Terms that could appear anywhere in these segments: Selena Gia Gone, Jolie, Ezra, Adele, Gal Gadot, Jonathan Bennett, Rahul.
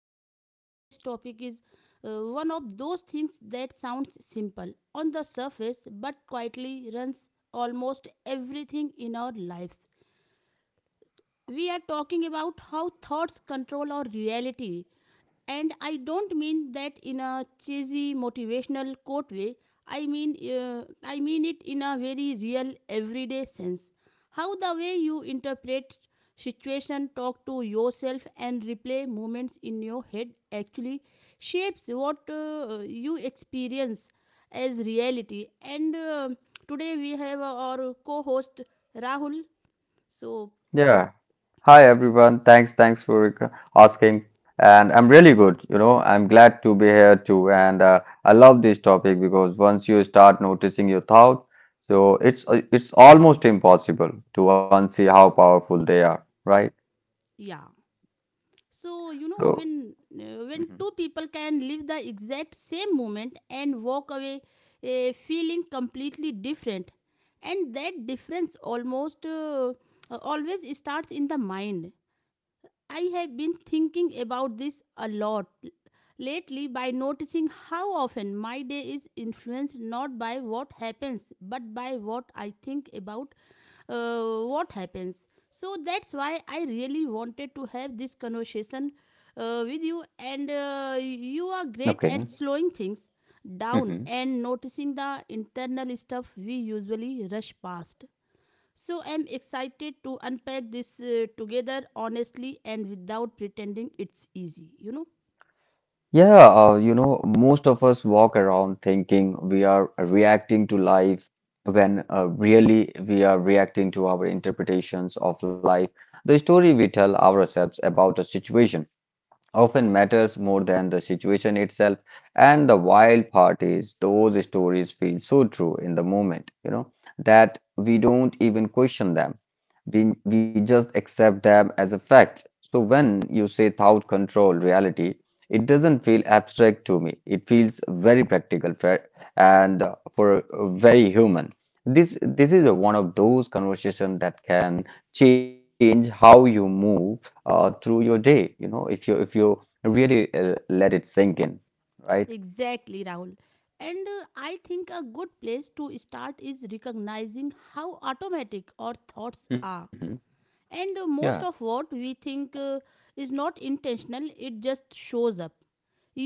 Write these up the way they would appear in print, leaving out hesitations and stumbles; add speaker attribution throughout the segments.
Speaker 1: today because this topic is one of those things that sounds simple on the surface but quietly runs almost everything in our lives. We are talking about how thoughts control our reality. And I don't mean that in a cheesy motivational quote way. I mean it in a very real, everyday sense. How the way you interpret situation, talk to yourself, and replay moments in your head actually shapes what you experience as reality. And Today we have our co-host Rahul. So
Speaker 2: Yeah. Hi everyone. Thanks for asking. And I'm really good. You know, I'm glad to be here too. And I love this topic because once you start noticing your thought, so it's almost impossible to unsee how powerful they are, right?
Speaker 1: yeah. So you know
Speaker 2: So,
Speaker 1: when
Speaker 2: Mhm.
Speaker 1: two people can live the exact same moment and walk away feeling completely different, and that difference almost always starts in the mind. I have been thinking about this a lot lately by noticing how often my day is influenced not by what happens but by what I think about what happens. So that's why I really wanted to have this conversation with you, and you are great at
Speaker 2: Okay.
Speaker 1: slowing things down and noticing the internal stuff we usually rush past. So I'm excited to unpack this together honestly and without pretending it's easy.
Speaker 2: Yeah, most of us walk around thinking we are reacting to life when really we are reacting to our interpretations of life. The story we tell ourselves about a situation often matters more than the situation itself. And the wild part is those stories feel so true in the moment, you know, that we don't even question them. We just accept them as a fact. So when you say thought control reality, it doesn't feel abstract to me. It feels very practical fair, and for very human. This is a one of those conversations that can change how you move through your day. You know, if you really let it sink in, right?
Speaker 1: Exactly, Rahul. And I think a good place to start is recognizing how automatic our thoughts
Speaker 2: Hmm.
Speaker 1: are. And
Speaker 2: Yeah,
Speaker 1: most of what we think is not intentional, it just shows up.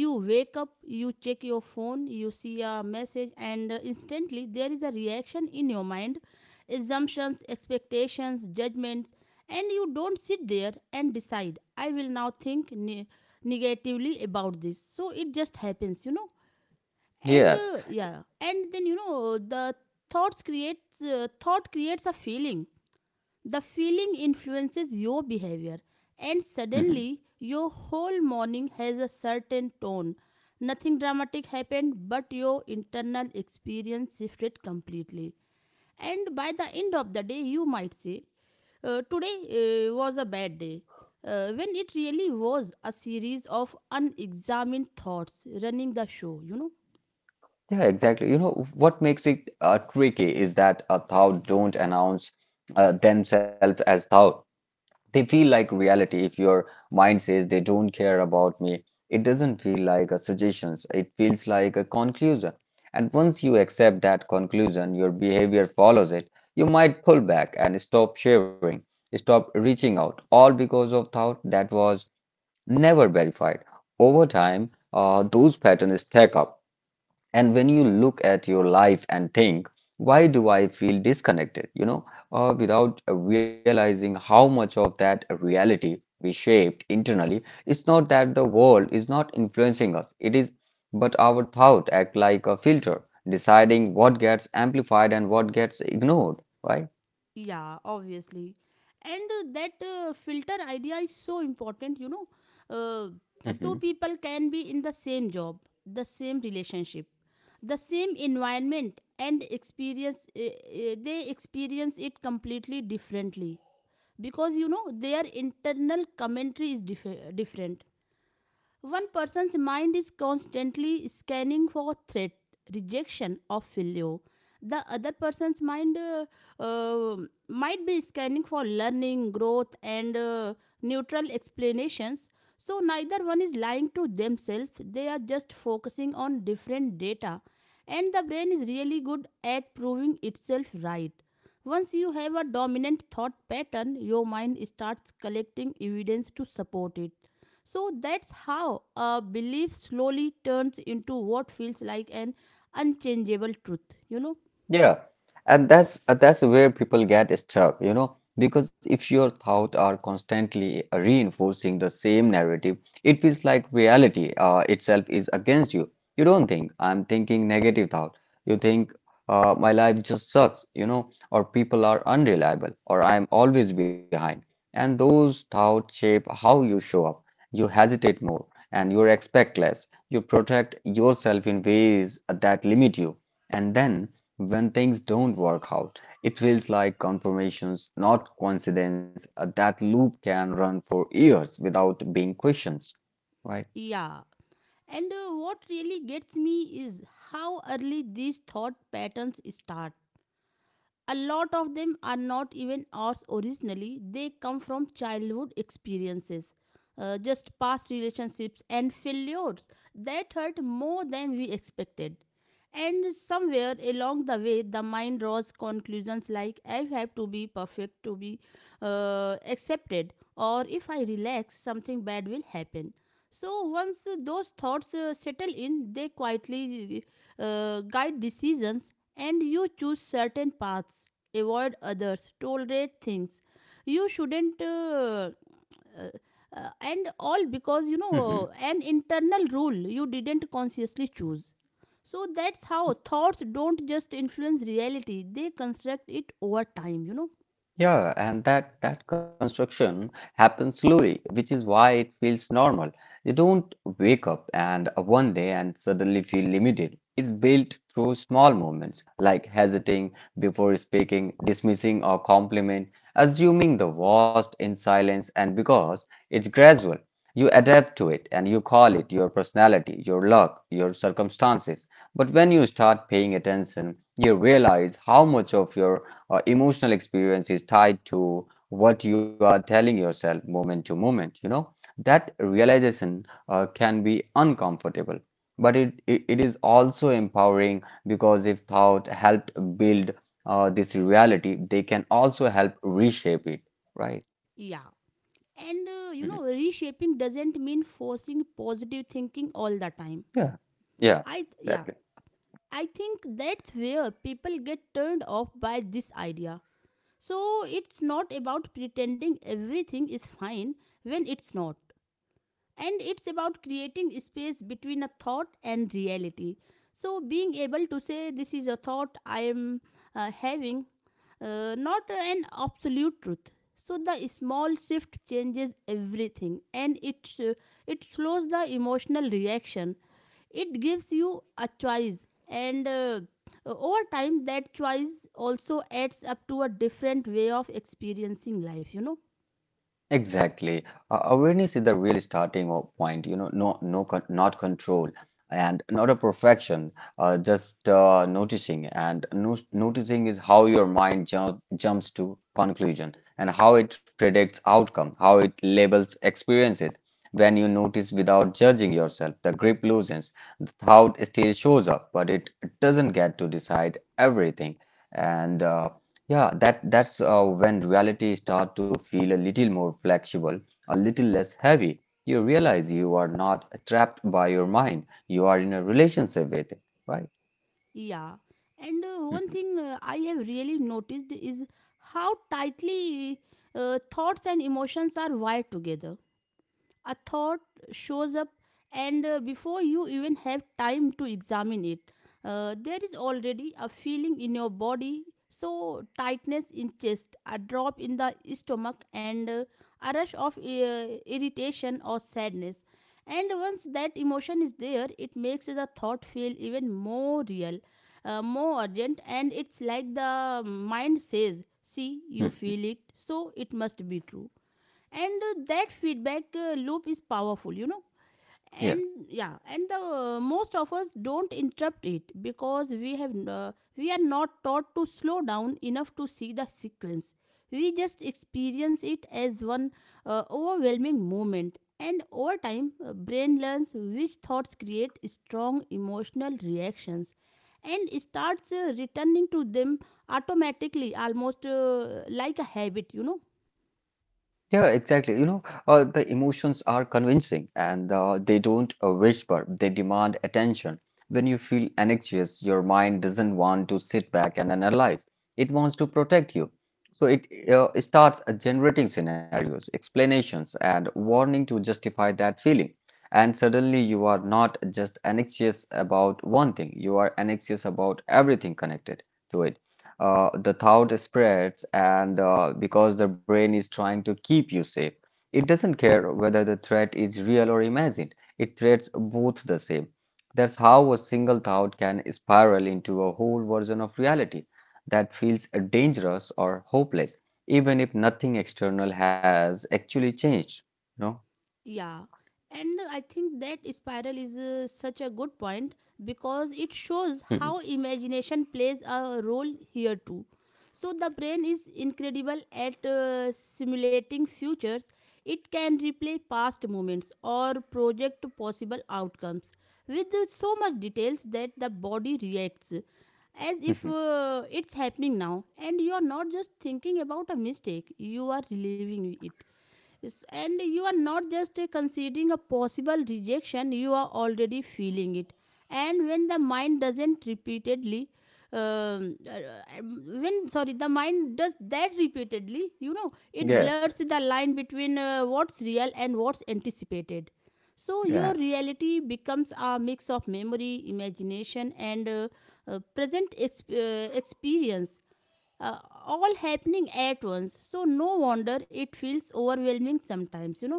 Speaker 1: You wake up, you check your phone, you see a message, and instantly there is a reaction in your mind: assumptions, expectations, judgments. And you don't sit there and decide, I will now think negatively about this, so it just happens. And
Speaker 2: yes.
Speaker 1: yeah, and then you know the thought creates a feeling, the feeling influences your behavior, and
Speaker 2: Hmm.
Speaker 1: suddenly your whole morning has a certain tone. Nothing dramatic happened, but your internal experience shifted completely. And by the end of the day, you might say, Today was a bad day," when it really was a series of unexamined thoughts running the show.
Speaker 2: Yeah, exactly. You know, what makes it tricky is that a thought don't announce themselves as thought. They feel like reality. If your mind says they don't care about me, it doesn't feel like a suggestions. It feels like a conclusion. And once you accept that conclusion, your behavior follows it. You might pull back and stop sharing, stop reaching out, all because of thought that was never verified. Over time, those patterns stack up. And when you look at your life and think, why do I feel disconnected? You know, without realizing how much of that reality we shaped internally. It's not that the world is not influencing us, it is, but our thought act like a filter, deciding what gets amplified and what gets ignored, right?
Speaker 1: Yeah, obviously. And that filter idea is so important, Uh, Two people can be in the same job, the same relationship, the same environment, and they experience it completely differently because, you know, their internal commentary is different. One person's mind is constantly scanning for threat, rejection, or failure. The other person's mind uh, might be scanning for learning, growth, and neutral explanations. So, neither one is lying to themselves, they are just focusing on different data. And the brain is really good at proving itself right. Once you have a dominant thought pattern, your mind starts collecting evidence to support it. So that's how a belief slowly turns into what feels like an unchangeable truth, you know?
Speaker 2: Yeah, and that's where people get stuck, you know, because if your thoughts are constantly reinforcing the same narrative, it feels like reality itself is against you. You don't think I'm thinking negative thought. You think my life just sucks, you know, or people are unreliable, or I'm always behind. And those thoughts shape how you show up. You hesitate more, and you expect less. You protect yourself in ways that limit you, and then. When things don't work out, it feels like confirmations, not coincidence. That loop can run for years without being questioned, right?
Speaker 1: Yeah. And what really gets me is how early these thought patterns start. A lot of them are not even ours originally, they come from childhood experiences, just past relationships and failures that hurt more than we expected. And somewhere along the way, the mind draws conclusions like, I have to be perfect to be accepted, or, if I relax, something bad will happen. So, once those thoughts settle in, they quietly guide decisions, and you choose certain paths, avoid others, tolerate things you shouldn't. And all because you
Speaker 2: Hmm.
Speaker 1: know an internal rule you didn't consciously choose. So that's how thoughts don't just influence reality, they construct it over time, you know.
Speaker 2: Yeah, and that construction happens slowly, which is why it feels normal. You don't wake up and one day and suddenly feel limited. It's built through small moments like hesitating before speaking, dismissing or compliment, assuming the worst in silence, and because it's gradual, you adapt to it and you call it your personality, your luck, your circumstances. But when you start paying attention, you realize how much of your emotional experience is tied to what you are telling yourself moment to moment, you know. That realization can be uncomfortable but it is also empowering because if thought helped build this reality they can also help reshape it, right?
Speaker 1: Yeah. And
Speaker 2: Mhm.
Speaker 1: you know, reshaping doesn't mean forcing positive thinking all the time.
Speaker 2: Yeah. Yeah.
Speaker 1: Yeah,
Speaker 2: Exactly.
Speaker 1: I think that's where people get turned off by this idea. So it's not about pretending everything is fine when it's not. And it's about creating space between a thought and reality, so being able to say, this is a thought I am having, not an absolute truth. So the small shift changes everything, and it slows the emotional reaction, it gives you a choice, and over time that choice also adds up to a different way of experiencing life, you know.
Speaker 2: Exactly. Awareness is the real starting point, you know. No, Con Not control and not a perfection, just noticing. And no noticing is how your mind ju jumps to conclusion and how it predicts outcome, how it labels experiences. When you notice without judging yourself, the grip loosens, the thought still shows up, but it doesn't get to decide everything. And uh, yeah, that's when reality start to feel a little more flexible, a little less heavy. You realize you are not trapped by your mind. You are in a relationship with it, right?
Speaker 1: Yeah, and one thing I have really noticed is how tightly thoughts and emotions are wired together. A thought shows up, and before you even have time to examine it, there is already a feeling in your body. So, tightness in chest, a drop in the stomach, and a rush of irritation or sadness. And once that emotion is there, it makes the thought feel even more real, more urgent, and it's like the mind says, See, you feel it, so it must be true. And that feedback loop is powerful, you know.
Speaker 2: Yeah.
Speaker 1: And yeah, and the most of us don't interrupt it because we are not taught to slow down enough to see the sequence. We just experience it as one overwhelming moment, and over time brain learns which thoughts create strong emotional reactions and starts returning to them automatically, almost like a habit, you know.
Speaker 2: Yeah, exactly. The emotions are convincing and they don't whisper, they demand attention. When you feel anxious, your mind doesn't want to sit back and analyze, it wants to protect you. So it starts generating scenarios, explanations, and warning to justify that feeling. And suddenly, you are not just anxious about one thing, you are anxious about everything connected to it. The thought spreads, and because the brain is trying to keep you safe, it doesn't care whether the threat is real or imagined. It treats both the same. That's how a single thought can spiral into a whole version of reality that feels dangerous or hopeless, even if nothing external has actually changed. You
Speaker 1: Yeah, and I think that spiral is such a good point because it shows
Speaker 2: know?
Speaker 1: how imagination plays a role here too. So the brain is incredible at simulating futures. It can replay past moments or project possible outcomes with so much details that the body reacts as if it's happening now, and you are not just thinking about a mistake, you are reliving it. Yes, and you are not just considering a possible rejection, you are already feeling it. And when the mind doesn't repeatedly when sorry the mind does that repeatedly, you know, it
Speaker 2: Yeah,
Speaker 1: blurs the line between what's real and what's anticipated. So your
Speaker 2: yeah.
Speaker 1: reality becomes a mix of memory, imagination, and present experience, uh, all happening at once. So, no wonder it feels overwhelming sometimes, you know.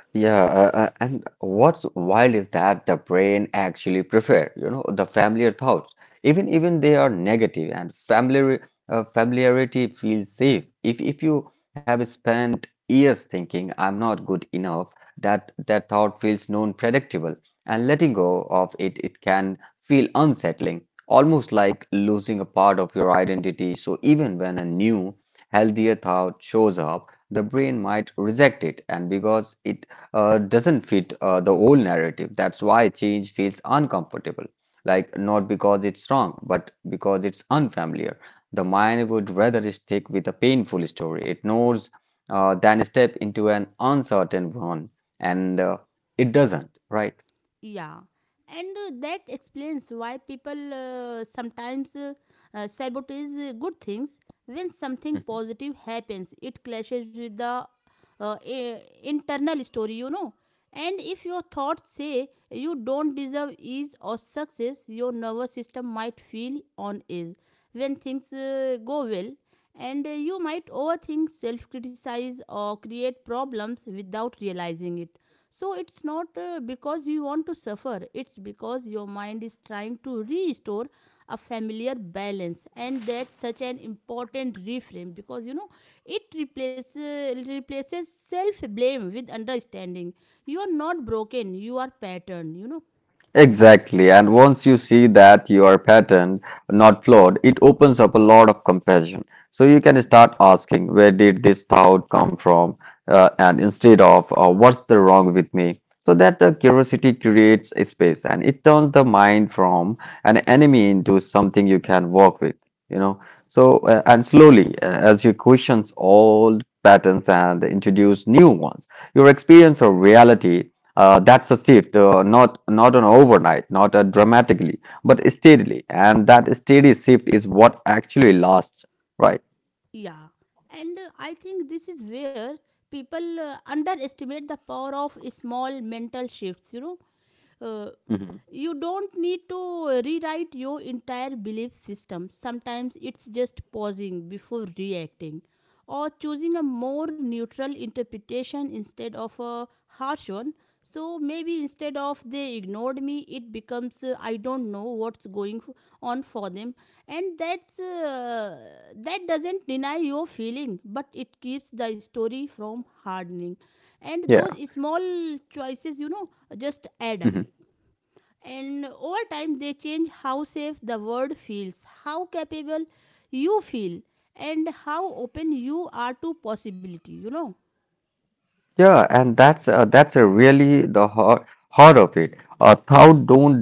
Speaker 2: Yeah, and what's wild is that the brain actually prefer, you know, the familiar thoughts, even they are negative and familiar. Familiarity feels safe. If you have spent years thinking I'm not good enough, that thought feels known predictable, and letting go of it it can feel unsettling, almost like losing a part of your identity. So even when a new, healthier thought shows up, the brain might reject it, and because it doesn't fit the old narrative. That's why change feels uncomfortable. Like, not because it's wrong, but because it's unfamiliar. The mind would rather stick with a painful story it knows than step into an uncertain one. And it doesn't, right?
Speaker 1: Yeah. And that explains why people sometimes sabotage good things. When something
Speaker 2: Hmm.
Speaker 1: positive happens, it clashes with the internal story, you know. And if your thoughts say you don't deserve ease or success, your nervous system might feel on edge when things go well, and you might overthink, self criticize, or create problems without realizing it. So, it's not because you want to suffer, it's because your mind is trying to restore a familiar balance. And that's such an important reframe because, you know, it replaces self blame with understanding. You are not broken, you are patterned, you know.
Speaker 2: Exactly. And once you see that your pattern not flawed, it opens up a lot of compassion. So you can start asking, where did this thought come from? And instead of, what's the wrong with me? So that curiosity creates a space and it turns the mind from an enemy into something you can work with, you know. So, and slowly, as you questions old patterns and introduce new ones, your experience of reality that's a shift, not an overnight, not a dramatically, but steadily, and that steady shift is what actually lasts, right?
Speaker 1: Yeah, and I think this is where people underestimate the power of small mental shifts, you know. Uh,
Speaker 2: Hmm.
Speaker 1: you don't need to rewrite your entire belief system. Sometimes it's just pausing before reacting or choosing a more neutral interpretation instead of a harsh one. So maybe instead of, they ignored me, it becomes, I don't know what's going on for them, and that doesn't deny your feeling, but it keeps the story
Speaker 2: Yeah.
Speaker 1: from hardening. And those small choices, you know,
Speaker 2: Hmm.
Speaker 1: just add up, and over time they change how safe the world feels, how capable you feel, and how open you are to possibility, you know.
Speaker 2: Yeah, and that's a really the heart of it. Thought don't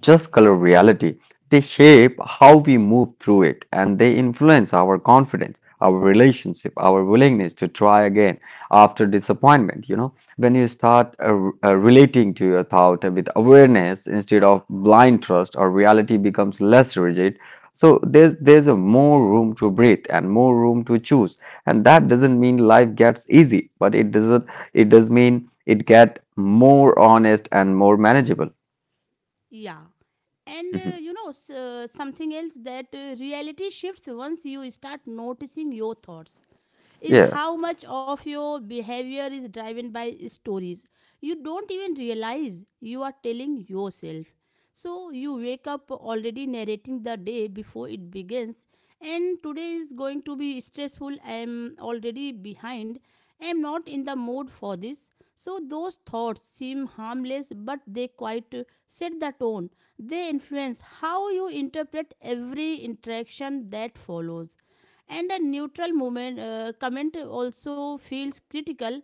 Speaker 2: just color reality. They shape how we move through it and they influence our confidence, our relationship, our willingness to try again after disappointment. You know, when you start relating to your thought with awareness instead of blind trust, or reality becomes less rigid. So there's a more room to breathe and more room to choose, and that doesn't mean life gets easy, but it doesn't. It does mean it get more honest and more manageable.
Speaker 1: Yeah, and
Speaker 2: Mhm.
Speaker 1: you know, something else that reality shifts once you start noticing your thoughts is
Speaker 2: Yeah.
Speaker 1: how much of your behavior is driven by stories you don't even realize you are telling yourself. So you wake up already narrating the day before it begins, and, today is going to be stressful, I am already behind, I am not in the mood for this. So those thoughts seem harmless, but they quite set the tone. They influence how you interpret every interaction that follows, and a neutral moment comment also feels critical,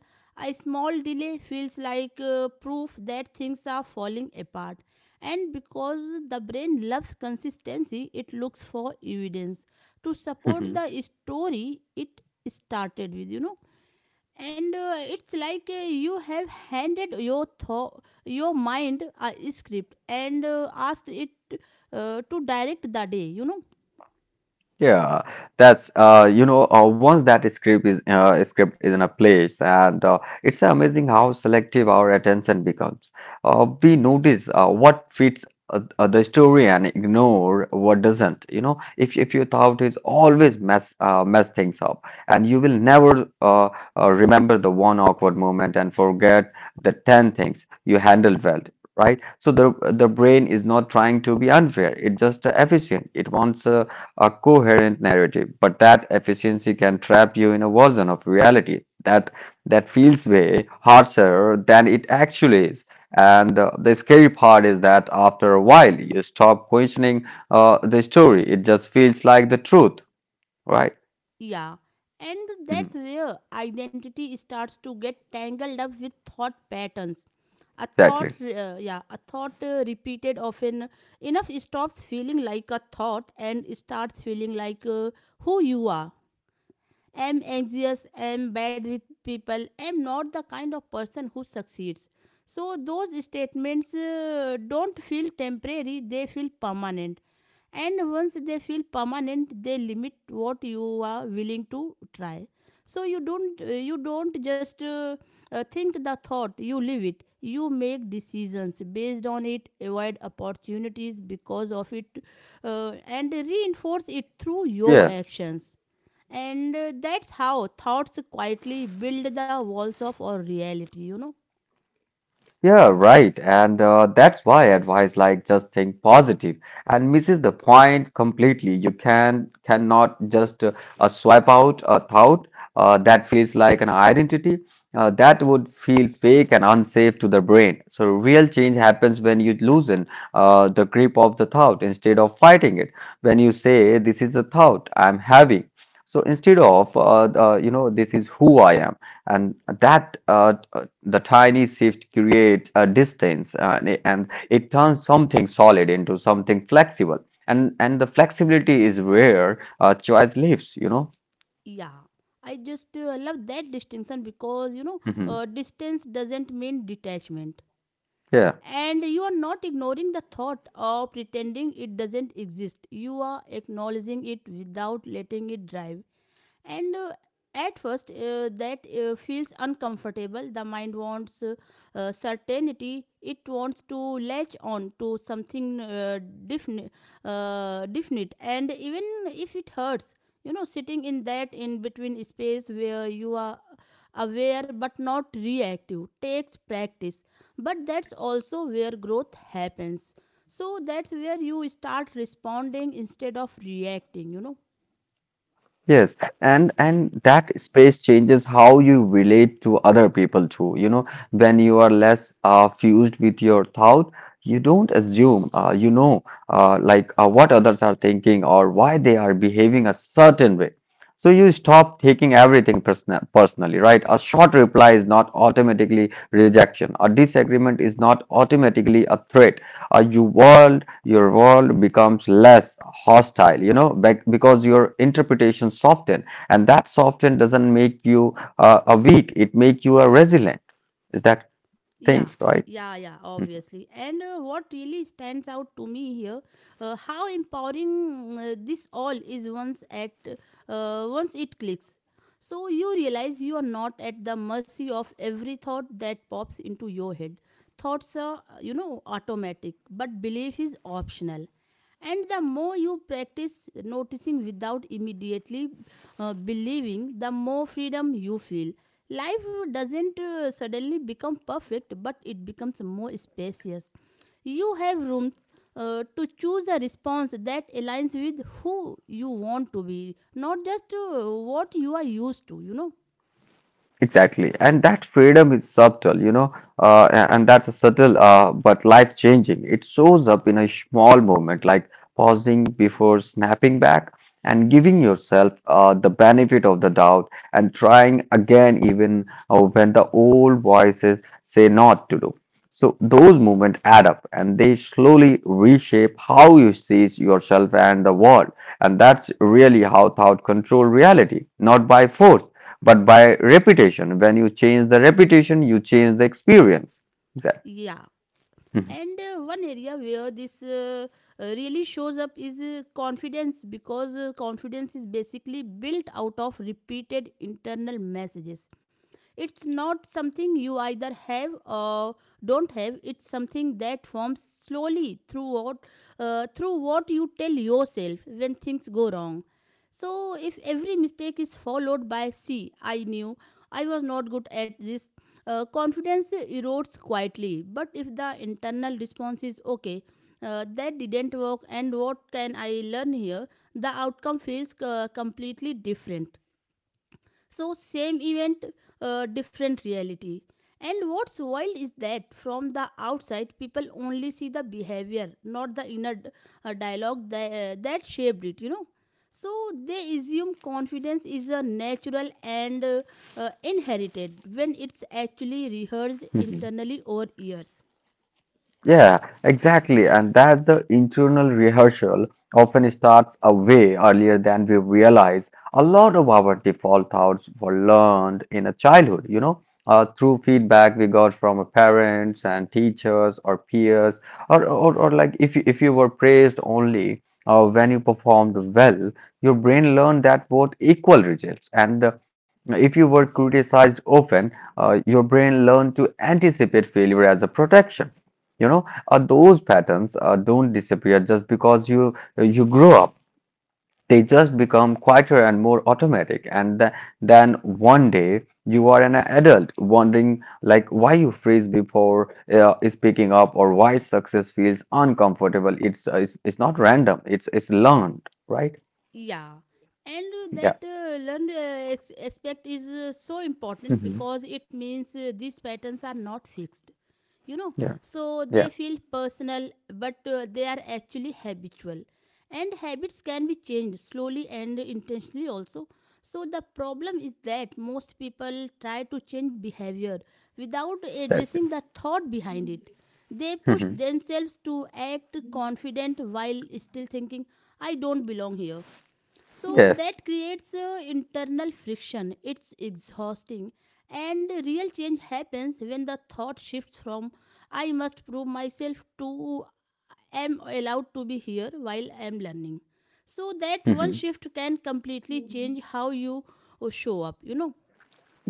Speaker 1: a small delay feels like proof that things are falling apart. And because the brain loves consistency, it looks for evidence to support
Speaker 2: Mhm.
Speaker 1: the story it started with, you know. And it's like you have handed your mind a script and asked it to direct the day, you know.
Speaker 2: Yeah, once that script is in a place, and it's amazing how selective our attention becomes. We notice what fits the story and ignore what doesn't. You know, if your thought is always mess things up, and you will never remember the one awkward moment and forget the ten things you handled well. Right, so the brain is not trying to be unfair. It's just efficient. It wants a coherent narrative, but that efficiency can trap you in a version of reality that feels way harsher than it actually is. And the scary part is that after a while, you stop questioning the story. It just feels like the truth, right?
Speaker 1: Yeah, and that's
Speaker 2: Mhm.
Speaker 1: where identity starts to get tangled up with thought patterns.
Speaker 2: Exactly.
Speaker 1: Yeah, a thought repeated often enough stops feeling like a thought and starts feeling like who you are. I'm anxious, I'm bad with people, I'm not the kind of person who succeeds. So, those statements don't feel temporary, they feel permanent. And once they feel permanent, they limit what you are willing to try. So you don't just think the thought, you live it. You make decisions based on it, avoid opportunities because of it, and reinforce it through your
Speaker 2: Yeah.
Speaker 1: actions and that's how thoughts quietly build the walls of our reality, you know.
Speaker 2: Yeah, right. And that's why advice like just think positive and misses the point completely. You can cannot just swipe out a thought that feels like an identity. That would feel fake and unsafe to the brain. So real change happens when you loosen the grip of the thought instead of fighting it. When you say, "This is a thought I'm having," so instead of "This is who I am." And that the tiny shift creates a distance, and it turns something solid into something flexible, and the flexibility is where choice lives, you know.
Speaker 1: Yeah. I just love that distinction because, you know,
Speaker 2: Mhm.
Speaker 1: distance doesn't mean detachment.
Speaker 2: Yeah.
Speaker 1: And you are not ignoring the thought or pretending it doesn't exist. You are acknowledging it without letting it drive and at first that feels uncomfortable, the mind wants certainty, it wants to latch on to something definite, definite and even if it hurts, you know, sitting in that in between space where you are aware but not reactive takes practice, but that's also where growth happens, so that's where you start responding instead of reacting, you know.
Speaker 2: Yes, and that space changes how you relate to other people too. You know, when you are less fused with your thought, you don't assume what others are thinking or why they are behaving a certain way. So you stop taking everything personally, right? A short reply is not automatically rejection. A disagreement is not automatically a threat. Uh, you world your world becomes less hostile, you know, because your interpretation soften, and that soften doesn't make you a weak; it make you a resilient. Is that things
Speaker 1: Yeah,
Speaker 2: right?
Speaker 1: yeah, yeah, obviously. And what really stands out to me here how empowering this all is once at once it clicks, so you realize you are not at the mercy of every thought that pops into your head. Thoughts are, you know, automatic, but belief is optional, and the more you practice noticing without immediately believing, the more freedom you feel. Life doesn't suddenly become perfect, but it becomes more spacious. You have room to choose a response that aligns with who you want to be, not just what you are used to, you know.
Speaker 2: Exactly. And that freedom is subtle, you know, and that's a subtle but life changing. It shows up in a small moment, like pausing before snapping back and giving yourself the benefit of the doubt and trying again, even when the old voices say not to do. So those moments add up and they slowly reshape how you see yourself and the world. And that's really how thought control reality, not by force but by reputation. When you change the reputation you change the experience exactly.
Speaker 1: Yeah.
Speaker 2: Mhm.
Speaker 1: And one area where this really shows up is confidence, because confidence is basically built out of repeated internal messages. It's not something you either have or don't have. It's something that forms slowly through what you tell yourself when things go wrong. So, if every mistake is followed by "see, I knew I was not good at this," confidence erodes quietly. But if the internal response is "okay, that didn't work, and what can I learn here?" the outcome feels completely different. So, same event, different reality. And what's wild is that from the outside, people only see the behavior, not the inner dialogue that, that shaped it, you know. So, they assume confidence is a natural and inherited, when it's actually rehearsed
Speaker 2: Mhm.
Speaker 1: internally over years.
Speaker 2: Yeah, exactly. And that the internal rehearsal often starts a way earlier than we realize. A lot of our default thoughts were learned in a childhood, you know, through feedback we got from our parents and teachers or peers, or like if you were praised only when you performed well, your brain learned that both equal results. And if you were criticized often, your brain learned to anticipate failure as a protection. You know, those patterns don't disappear just because you grow up. They just become quieter and more automatic. And th then one day you are an adult wondering like why you freeze before speaking up or why success feels uncomfortable. It's not random. It's learned, right?
Speaker 1: Yeah, and
Speaker 2: Yeah.
Speaker 1: that learned aspect is so important,
Speaker 2: Hmm.
Speaker 1: because it means these patterns are not fixed, you know,
Speaker 2: Yeah.
Speaker 1: so
Speaker 2: Yeah.
Speaker 1: they feel personal, but they are actually habitual. And habits can be changed slowly and intentionally also. So, the problem is that most people try to change behavior without addressing
Speaker 2: Exactly.
Speaker 1: the thought behind it. They push
Speaker 2: Hmm.
Speaker 1: themselves to act confident while still thinking, I don't belong here. So
Speaker 2: Yes.
Speaker 1: that creates internal friction. It's exhausting. And real change happens when the thought shifts from I must prove myself to am allowed to be here while I am learning. So that one
Speaker 2: Mm-hmm.
Speaker 1: shift can completely change how you show up, you know.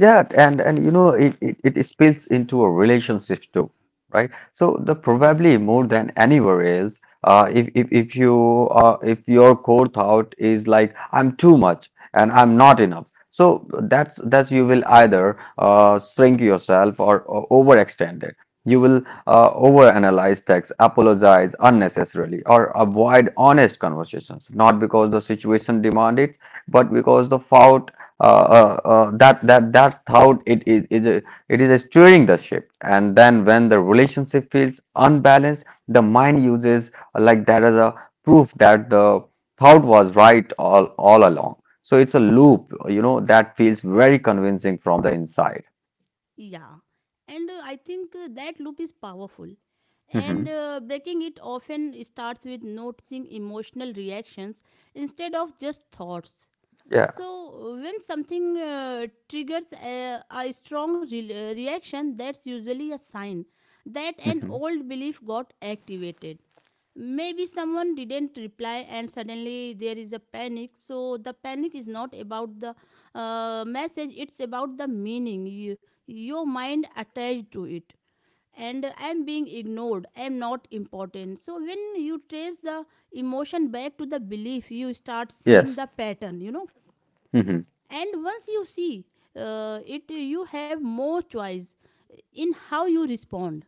Speaker 2: Yeah, and you know it spills into a relationship too, right? So the
Speaker 1: Yeah.
Speaker 2: probably more than anywhere else, if if you if your core thought is like I'm too much and I'm not enough, so that's you will either shrink yourself or overextend it. You will overanalyze text, apologize unnecessarily, or avoid honest conversations, not because the situation demand it, but because the fault that's how it is it is steering the ship, and then when the relationship feels unbalanced the mind uses like that as a proof that the thought was right all along. So it's a loop, you know, that feels very convincing from the inside.
Speaker 1: Yeah, and I think that loop is powerful.
Speaker 2: Hmm.
Speaker 1: And breaking it often starts with noticing emotional reactions instead of just thoughts.
Speaker 2: Yeah.
Speaker 1: So, when something triggers a, strong reaction, that's usually a sign that an
Speaker 2: Hmm.
Speaker 1: old belief got activated. Maybe someone didn't reply, and suddenly there is a panic. So, the panic is not about the message, it's about the meaning you, your mind attached to it. And I'm being ignored, I'm not important. So, when you trace the emotion back to the belief, you start seeing
Speaker 2: Yes.
Speaker 1: the pattern, you know.
Speaker 2: Hmm.
Speaker 1: And once you see it, you have more choice in how you respond.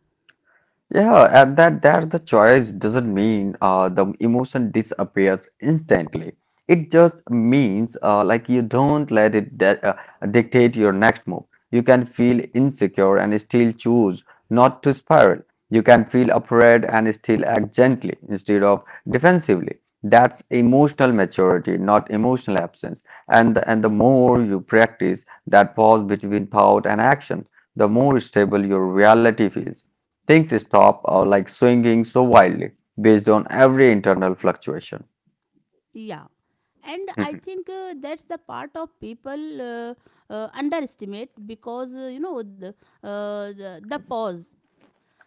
Speaker 2: Yeah, and that the choice doesn't mean the emotion disappears instantly. It just means like you don't let it dictate your next move. You can feel insecure and still choose not to spiral. You can feel afraid and still act gently instead of defensively. That's emotional maturity, not emotional absence. And the more you practice that pause between thought and action, the more stable your reality feels. Things stop or like swinging so wildly based on every internal fluctuation.
Speaker 1: Yeah. And I think that's the part of people underestimate, because, you know, the pause.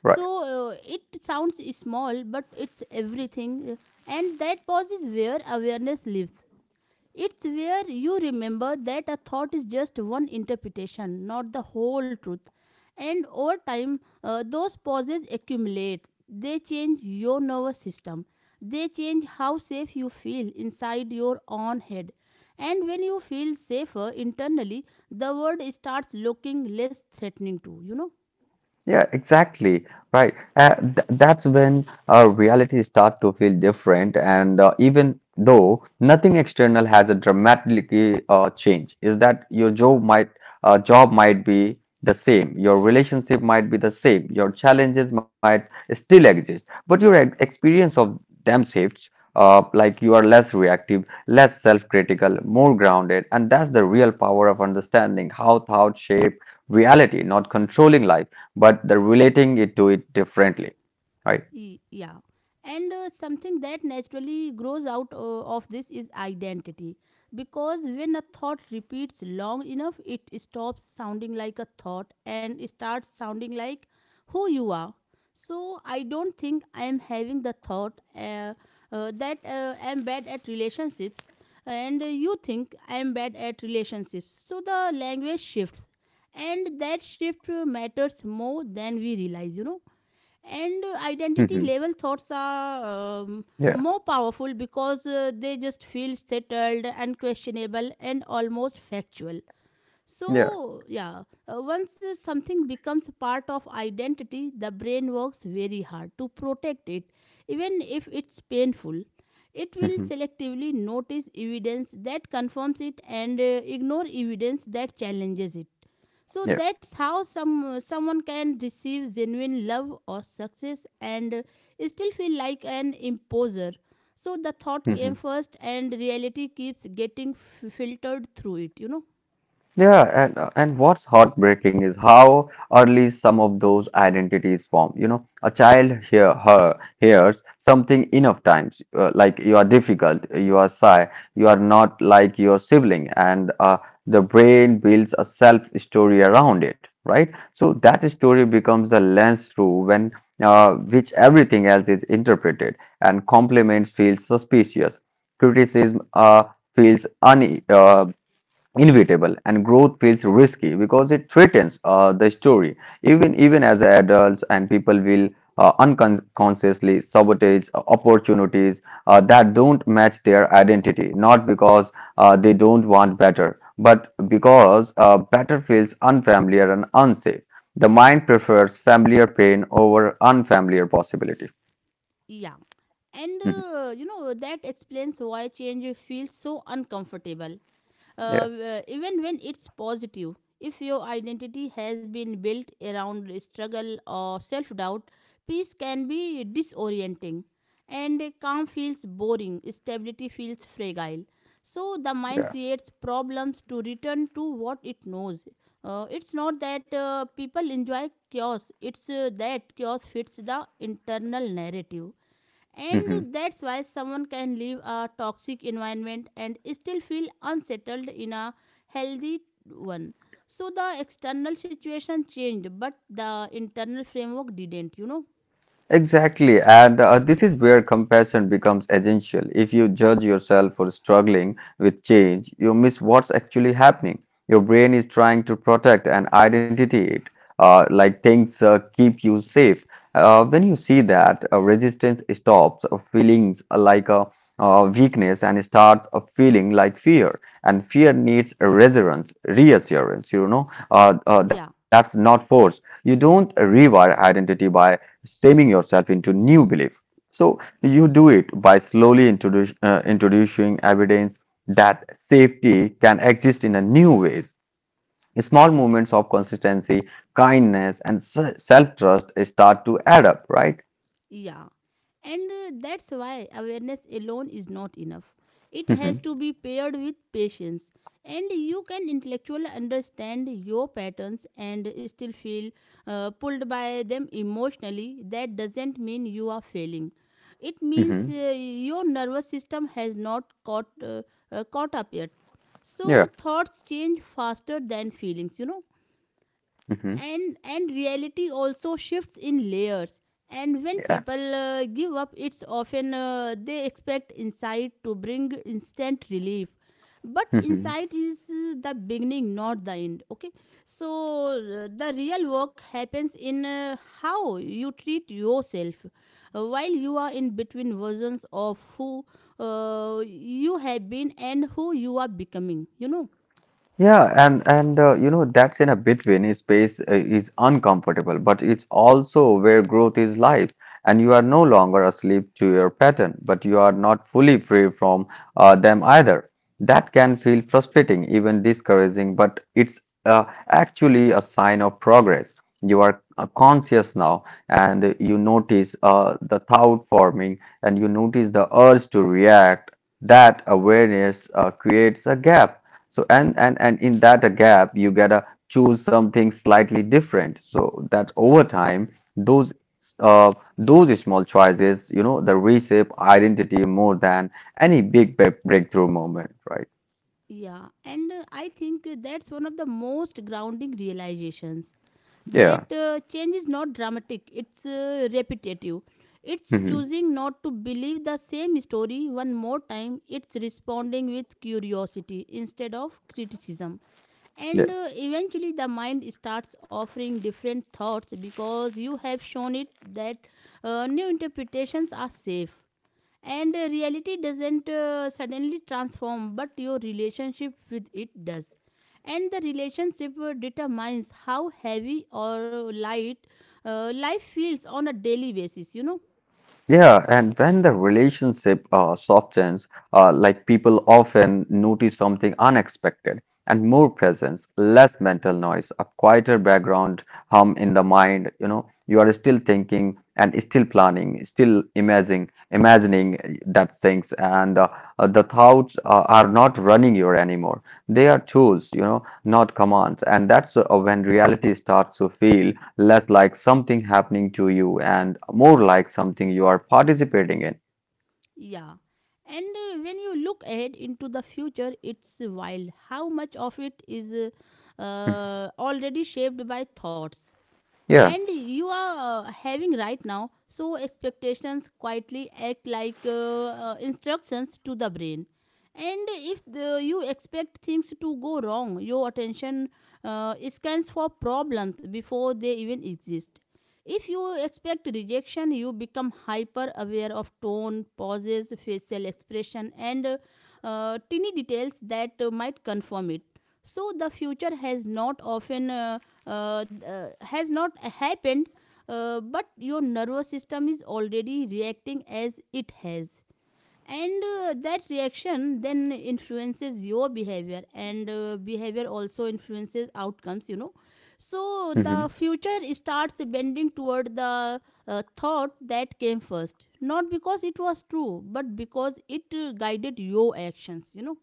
Speaker 2: Right.
Speaker 1: So it sounds small, but it's everything. And that pause is where awareness lives. It's where you remember that a thought is just one interpretation, not the whole truth. And over time, those pauses accumulate. They change your nervous system. They change how safe you feel inside your own head. And when you feel safer internally, the world starts looking less threatening to, you know.
Speaker 2: Yeah, exactly. Right. Th that's when reality start to feel different, and even though nothing external has a dramatically change, is that your job might be the same, your relationship might be the same, your challenges might still exist, but your ex experience of them shifts. Like you are less reactive, less self-critical, more grounded, and that's the real power of understanding how thoughts shape reality, not controlling life but they're relating it to it differently, right?
Speaker 1: Yeah, and something that naturally grows out of this is identity, because when a thought repeats long enough it stops sounding like a thought and starts sounding like who you are. So I don't think I am having the thought that I am bad at relationships, and you think I am bad at relationships, so the language shifts, and that shift matters more than we realize, you know. And identity level thoughts are
Speaker 2: Yeah,
Speaker 1: more powerful, because they just feel settled, unquestionable, and almost factual.
Speaker 2: yeah,
Speaker 1: So, yeah, once something becomes part of identity, the brain works very hard to protect it, even if it's painful. It will selectively notice evidence that confirms it and ignore evidence that challenges it. So
Speaker 2: yeah.
Speaker 1: that's how someone can receive genuine love or success and still feel like an imposer. So the thought came first, and reality keeps getting filtered through it. You know.
Speaker 2: Yeah, and what's heartbreaking is how early some of those identities form. You know, a child hears something enough times, like you are difficult, you are shy, you are not like your sibling, and the brain builds a self story around it, right? So that story becomes the lens through when which everything else is interpreted, and compliments feel suspicious, criticism feels un inevitable, and growth feels risky because it threatens the story. Even as adults, and people will unconsciously sabotage opportunities that don't match their identity, not because they don't want better, but because better feels unfamiliar and unsafe. The mind prefers familiar pain over unfamiliar possibility.
Speaker 1: Yeah. And
Speaker 2: Mhm.
Speaker 1: you know, that explains why change feels so uncomfortable.
Speaker 2: Yeah.
Speaker 1: Even when it's positive, if your identity has been built around struggle or self doubt, peace can be disorienting. And calm feels boring, stability feels fragile. So the mind
Speaker 2: Yeah.
Speaker 1: creates problems to return to what it knows. It's not that people enjoy chaos, it's that chaos fits the internal narrative.
Speaker 2: Mhm.
Speaker 1: And that's why someone can leave a toxic environment and still feel unsettled in a healthy one. So the external situation changed, but the internal framework didn't, you know?
Speaker 2: Exactly, and this is where compassion becomes essential. If you judge yourself for struggling with change, you miss what's actually happening. Your brain is trying to protect an identity, it, like things keep you safe. When you see that, resistance stops feelings like a weakness and starts a feeling like fear. And fear needs reassurance, reassurance. You know,
Speaker 1: Yeah,
Speaker 2: that's not force. You don't rewire identity by shaming yourself into new belief. So you do it by slowly introducing evidence that safety can exist in a new ways. Small moments of consistency, kindness, and self trust start to add up, right?
Speaker 1: yeah. And that's why awareness alone is not enough. It
Speaker 2: Hmm.
Speaker 1: has to be paired with patience. And you can intellectually understand your patterns and still feel pulled by them emotionally. That doesn't mean you are failing. It means
Speaker 2: Hmm.
Speaker 1: your nervous system has not caught, caught up yet.
Speaker 2: Yeah.
Speaker 1: So thoughts change faster than feelings, you know,
Speaker 2: Hmm.
Speaker 1: and reality also shifts in layers. And when
Speaker 2: Yeah.
Speaker 1: people give up, it's often they expect insight to bring instant relief, but
Speaker 2: Mm-hmm.
Speaker 1: insight is the beginning, not the end. Okay, so the real work happens in how you treat yourself while you are in between versions of who you have been and who you are becoming, you know.
Speaker 2: Yeah, and you know that's in a between space is uncomfortable, but it's also where growth is life, and you are no longer asleep to your pattern, but you are not fully free from them either. That can feel frustrating, even discouraging, but it's actually a sign of progress. You are conscious now, and you notice the thought forming, and you notice the urge to react. That awareness creates a gap, so and in that gap, you gotta choose something slightly different, so that over time, those small choices, you know, the reshape identity more than any big breakthrough moment, right?
Speaker 1: Yeah, and I think that's one of the most grounding realizations,
Speaker 2: Yeah.
Speaker 1: that change is not dramatic, it's repetitive. It's
Speaker 2: Hmm.
Speaker 1: choosing not to believe the same story one more time, it's responding with curiosity instead of criticism.
Speaker 2: Yeah.
Speaker 1: And eventually, the mind starts offering different thoughts because you have shown it that new interpretations are safe, and reality doesn't suddenly transform, but your relationship with it does, and the relationship determines how heavy or light life feels on a daily basis, you know.
Speaker 2: Yeah, and when the relationship softens, like people often notice something unexpected and more presence, less mental noise, a quieter background hum in the mind. You know, you are still thinking and still planning, still imagining, that things, and the thoughts are not running you anymore. They are tools, you know, not commands, and that's when reality starts to feel less like something happening to you and more like something you are participating in.
Speaker 1: Yeah, and when you look ahead into the future, it's wild how much of it is already shaped by thoughts
Speaker 2: Yeah.
Speaker 1: and you are having right now. So expectations quietly act like instructions to the brain, and if you expect things to go wrong, your attention scans for problems before they even exist. If you expect rejection, you become hyper aware of tone, pauses, facial expression, and teeny details that might confirm it. So the future has not often has not happened, but your nervous system is already reacting as it has, and that reaction then influences your behavior, and behavior also influences outcomes, you know. So
Speaker 2: Mhm.
Speaker 1: the future starts bending toward the thought that came first, not because it was true but because it guided your actions, you know.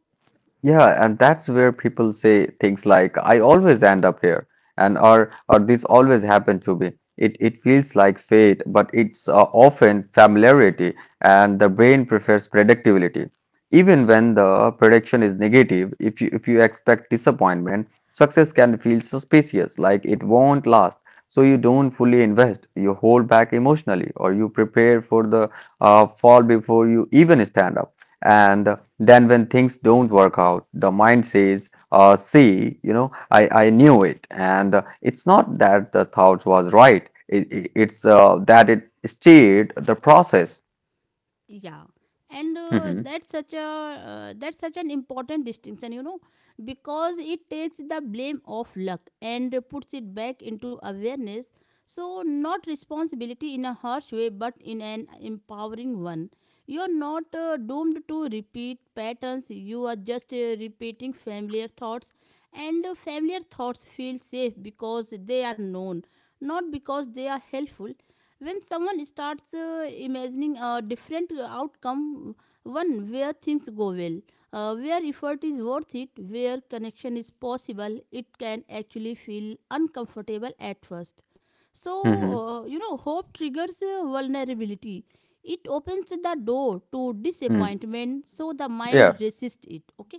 Speaker 2: Yeah, and that's where people say things like, I always end up here, and or this always happened to me. It feels like fate, but it's often familiarity, and the brain prefers predictability. Even when the prediction is negative, if you expect disappointment, success can feel suspicious, like it won't last. So you don't fully invest, you hold back emotionally, or you prepare for the fall before you even stand up. And then when things don't work out, the mind says, see, you know, I knew it. And it's not that the thought was right. It's that it steered the process.
Speaker 1: Yeah, and
Speaker 2: Hmm.
Speaker 1: that's such a that's such an important distinction, you know, because it takes the blame of luck and puts it back into awareness. So, not responsibility in a harsh way, but in an empowering one. You are not doomed to repeat patterns, you are just repeating familiar thoughts, and familiar thoughts feel safe because they are known, not because they are helpful. When someone starts imagining a different outcome, one where things go well, where effort is worth it, where connection is possible, it can actually feel uncomfortable at first. So,
Speaker 2: Hmm.
Speaker 1: you know, hope triggers vulnerability. It opens the door to
Speaker 2: Hmm.
Speaker 1: disappointment, so the mind
Speaker 2: Yeah.
Speaker 1: resists it. Okay?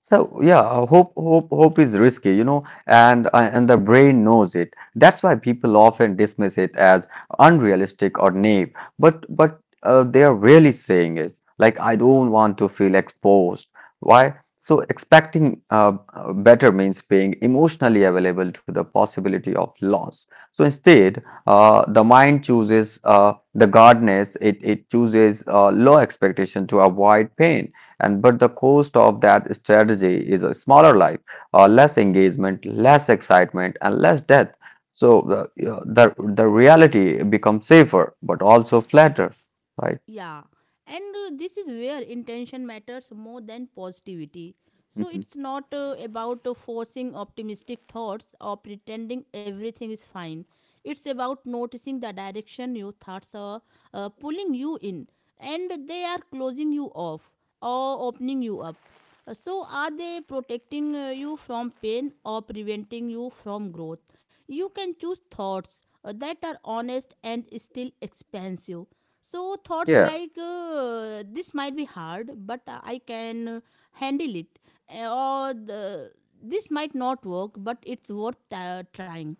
Speaker 2: So yeah, hope is risky, you know, and the brain knows it. That's why people often dismiss it as unrealistic or naive. But they are really saying is like I don't want to feel exposed. Why? So expecting better means being emotionally available to the possibility of loss. So instead, the mind chooses the guardness. It chooses low expectation to avoid pain. And but the cost of that strategy is a smaller life, less engagement, less excitement, and less death. So the yeah, the reality becomes safer, but also flatter, right?
Speaker 1: Yeah. And this is where intention matters more than positivity. So,
Speaker 2: Mhm.
Speaker 1: it's not about forcing optimistic thoughts or pretending everything is fine. It's about noticing the direction your thoughts are pulling you in, and they are closing you off or opening you up. So, are they protecting you from pain or preventing you from growth? You can choose thoughts that are honest and still expansive. So, thoughts
Speaker 2: Yeah,
Speaker 1: like this might be hard, but I can handle it, Uh, or the, this might not work, but it's worth trying.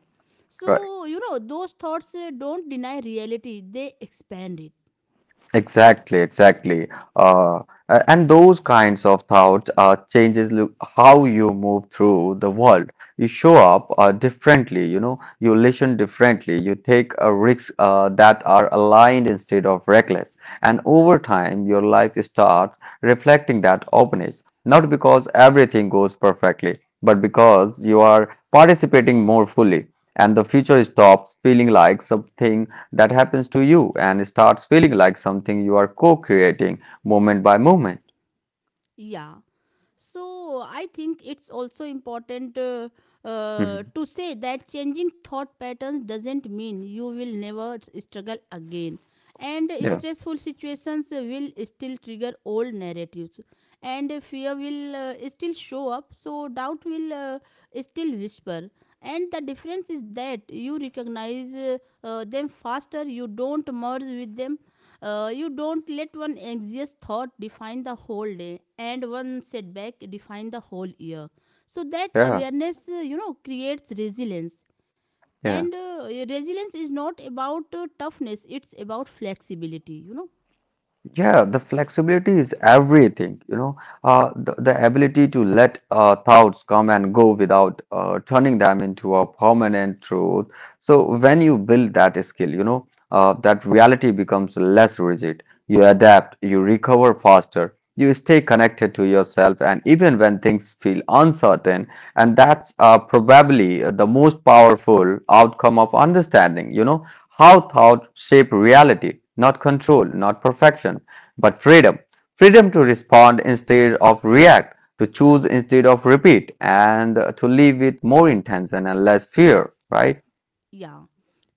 Speaker 2: right.
Speaker 1: So, those thoughts don't deny reality, they expand it.
Speaker 2: Exactly, exactly. Uh, and those kinds of thoughts changes how you move through the world. You show up differently, you know, you listen differently, you take risks that are aligned instead of reckless. And over time, your life starts reflecting that openness, not because everything goes perfectly, but because you are participating more fully. And the future stops feeling like something that happens to you and it starts feeling like something you are co-creating moment by moment.
Speaker 1: Yeah. So I think it's also important
Speaker 2: Mhm.
Speaker 1: to say that changing thought patterns doesn't mean you will never struggle again. And
Speaker 2: Yeah,
Speaker 1: stressful situations will still trigger old narratives, and fear will still show up. So doubt will still whisper. And the difference is that you recognize them faster. You don't merge with them, you don't let one anxious thought define the whole day and one setback define the whole year. So that
Speaker 2: yeah,
Speaker 1: awareness, you know, creates resilience.
Speaker 2: yeah.
Speaker 1: And resilience is not about toughness, it's about flexibility, you know.
Speaker 2: Yeah, the flexibility is everything, you know, the ability to let thoughts come and go without turning them into a permanent truth. So when you build that skill, you know, that reality becomes less rigid. You adapt, you recover faster, you stay connected to yourself, and even when things feel uncertain, and that's probably the most powerful outcome of understanding, you know. How thought shape reality, not control, not perfection, but freedom. Freedom to respond instead of react, to choose instead of repeat, and to live with more intention and less fear, right?
Speaker 1: Yeah.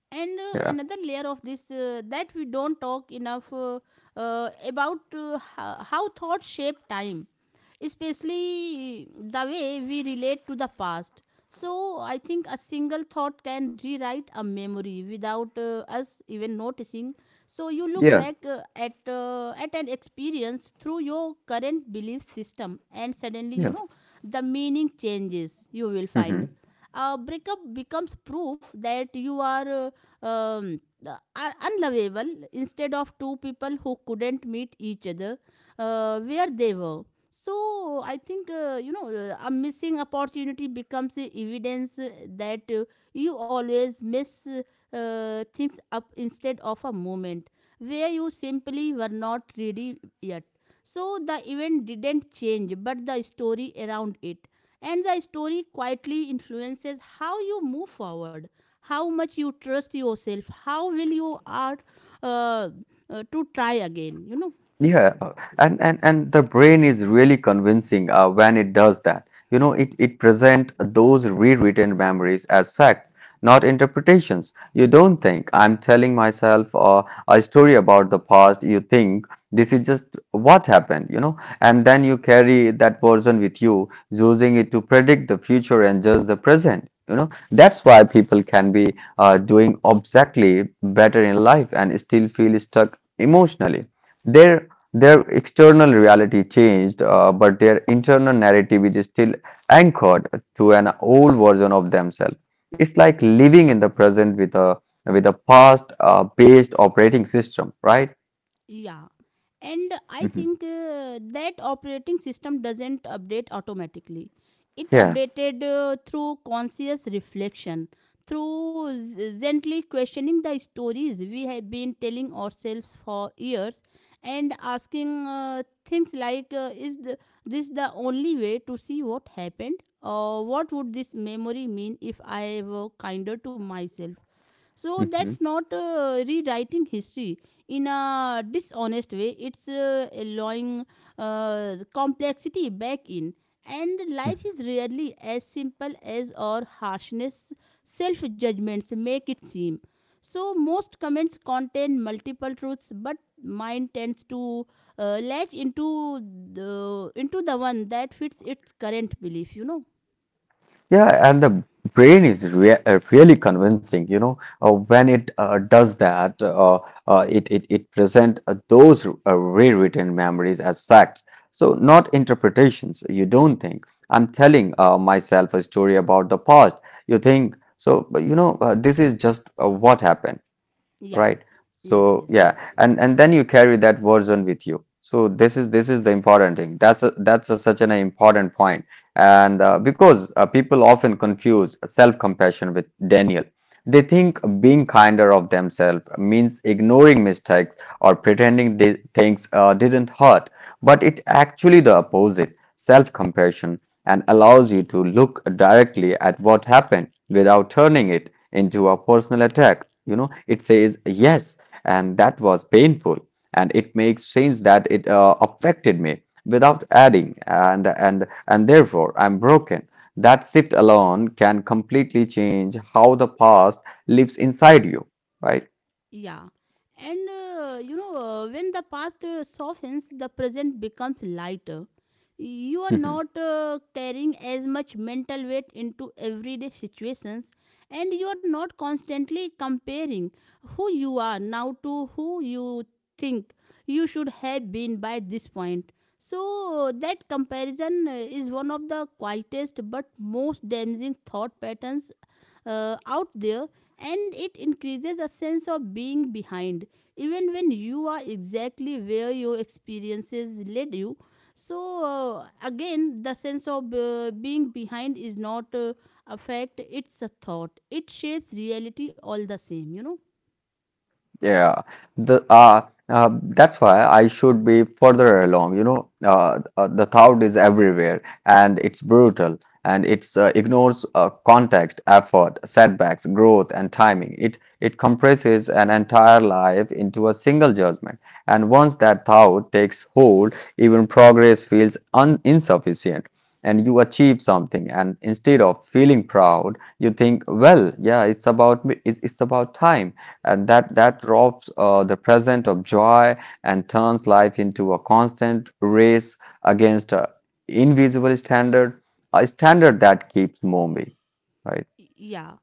Speaker 1: And
Speaker 2: Yeah.
Speaker 1: another layer of this that we don't talk enough about how thoughts shape time, especially the way we relate to the past. So I think a single thought can rewrite a memory without us even noticing. So you look
Speaker 2: Yeah.
Speaker 1: back at an experience through your current belief system, and suddenly, you
Speaker 2: Yeah.
Speaker 1: know, the meaning changes. You will find
Speaker 2: Mhm.
Speaker 1: a breakup becomes proof that you um, are unlovable instead of two people who couldn't meet each other where they were. So I think, you know, a missing opportunity becomes evidence that you always miss things up instead of a moment where you simply were not ready yet. So the event didn't change, but the story around it. And the story quietly influences how you move forward, how much you trust yourself, how will you are uh, to try again, you know.
Speaker 2: Yeah, and the brain is really convincing when it does that. You know, it present those rewritten memories as facts, not interpretations. You don't think I'm telling myself a story about the past. You think this is just what happened, you know, and then you carry that version with you, using it to predict the future and judge the present. You know, that's why people can be doing exactly better in life and still feel stuck emotionally. There their external reality changed, but their internal narrative is still anchored to an old version of themselves. It's like living in the present with a past based operating system, right?
Speaker 1: Yeah. And I
Speaker 2: Mhm.
Speaker 1: think that operating system doesn't update automatically. It
Speaker 2: Yeah.
Speaker 1: updated through conscious reflection, through gently questioning the stories we have been telling ourselves for years, and asking things like, this the only way to see what happened, or what would this memory mean if I were kinder to myself? So
Speaker 2: Mhm.
Speaker 1: that's not rewriting history in a dishonest way. It's allowing complexity back in. And life is rarely as simple as our harshness, self judgments make it seem. So most comments contain multiple truths, but mine tends to latch into the one that fits its current belief. You know?
Speaker 2: Yeah, and the brain is really convincing, when it does that, it present those rewritten memories as facts. So not interpretations, you don't think. I'm telling myself a story about the past. You think, so, but this is just what happened,
Speaker 1: Yeah.
Speaker 2: right.
Speaker 1: Yes.
Speaker 2: So
Speaker 1: Yes.
Speaker 2: yeah,
Speaker 1: Yes.
Speaker 2: and then you carry that version with you. So this is the important thing. That's such an important point. And because people often confuse self compassion with daniel. They think being kinder of themselves means ignoring mistakes, or pretending things didn't hurt, but it actually the opposite. Self compassion and allows you to look directly at what happened without turning it into a personal attack. You know, it says yes, and that was painful, and it makes sense that it affected me without adding, and therefore I'm broken. That shift alone can completely change how the past lives inside you, right?
Speaker 1: Yeah. And when the past softens, the present becomes lighter. You are not carrying as much mental weight into everyday situations, and you are not constantly comparing who you are now to who you think you should have been by this point. So, that comparison is one of the quietest but most damaging thought patterns out there, and it increases a sense of being behind even when you are exactly where your experiences led you. So again, the sense of being behind is not a fact, it's a thought. It shapes reality all the same, you know.
Speaker 2: Yeah, the that's why I should be further along. The thought is everywhere, and it's brutal, and it's ignores context, effort, setbacks, growth, and timing. It compresses an entire life into a single judgment, and once that thought takes hold, even progress feels un insufficient. And you achieve something, and instead of feeling proud you think, well yeah, it's about me. It's about time. And that robs the present of joy, and turns life into a constant race against a invisible standard, a standard that keeps moving, right?
Speaker 1: Yeah.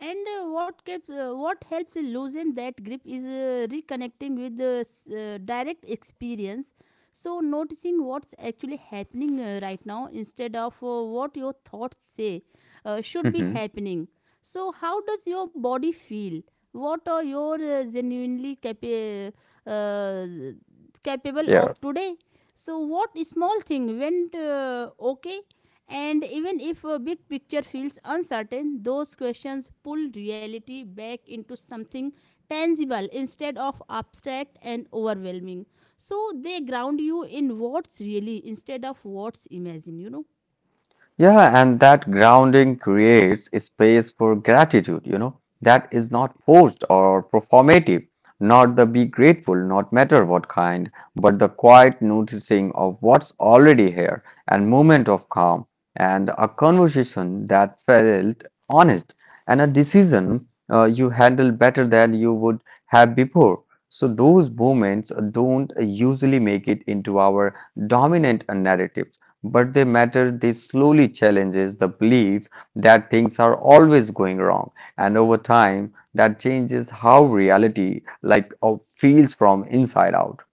Speaker 1: And what helps loosen that grip is reconnecting with the direct experience. So noticing what's actually happening right now instead of what your thoughts say should be
Speaker 2: Hmm.
Speaker 1: happening. So how does your body feel? What are your uh, capable of
Speaker 2: Yeah.
Speaker 1: today? So, what small thing went okay? And even if a big picture feels uncertain, those questions pull reality back into something tangible instead of abstract and overwhelming. So, they ground you in what's really instead of what's imagined, you know.
Speaker 2: Yeah, and that grounding creates a space for gratitude, you know, that is not forced or performative, not the be grateful, not matter what kind, but the quiet noticing of what's already here, and moment of calm, and a conversation that felt honest, and a decision you handled better than you would have before. So those moments don't usually make it into our dominant narrative, but they matter. They slowly challenges the belief that things are always going wrong, and over time, that changes how reality feels from inside out.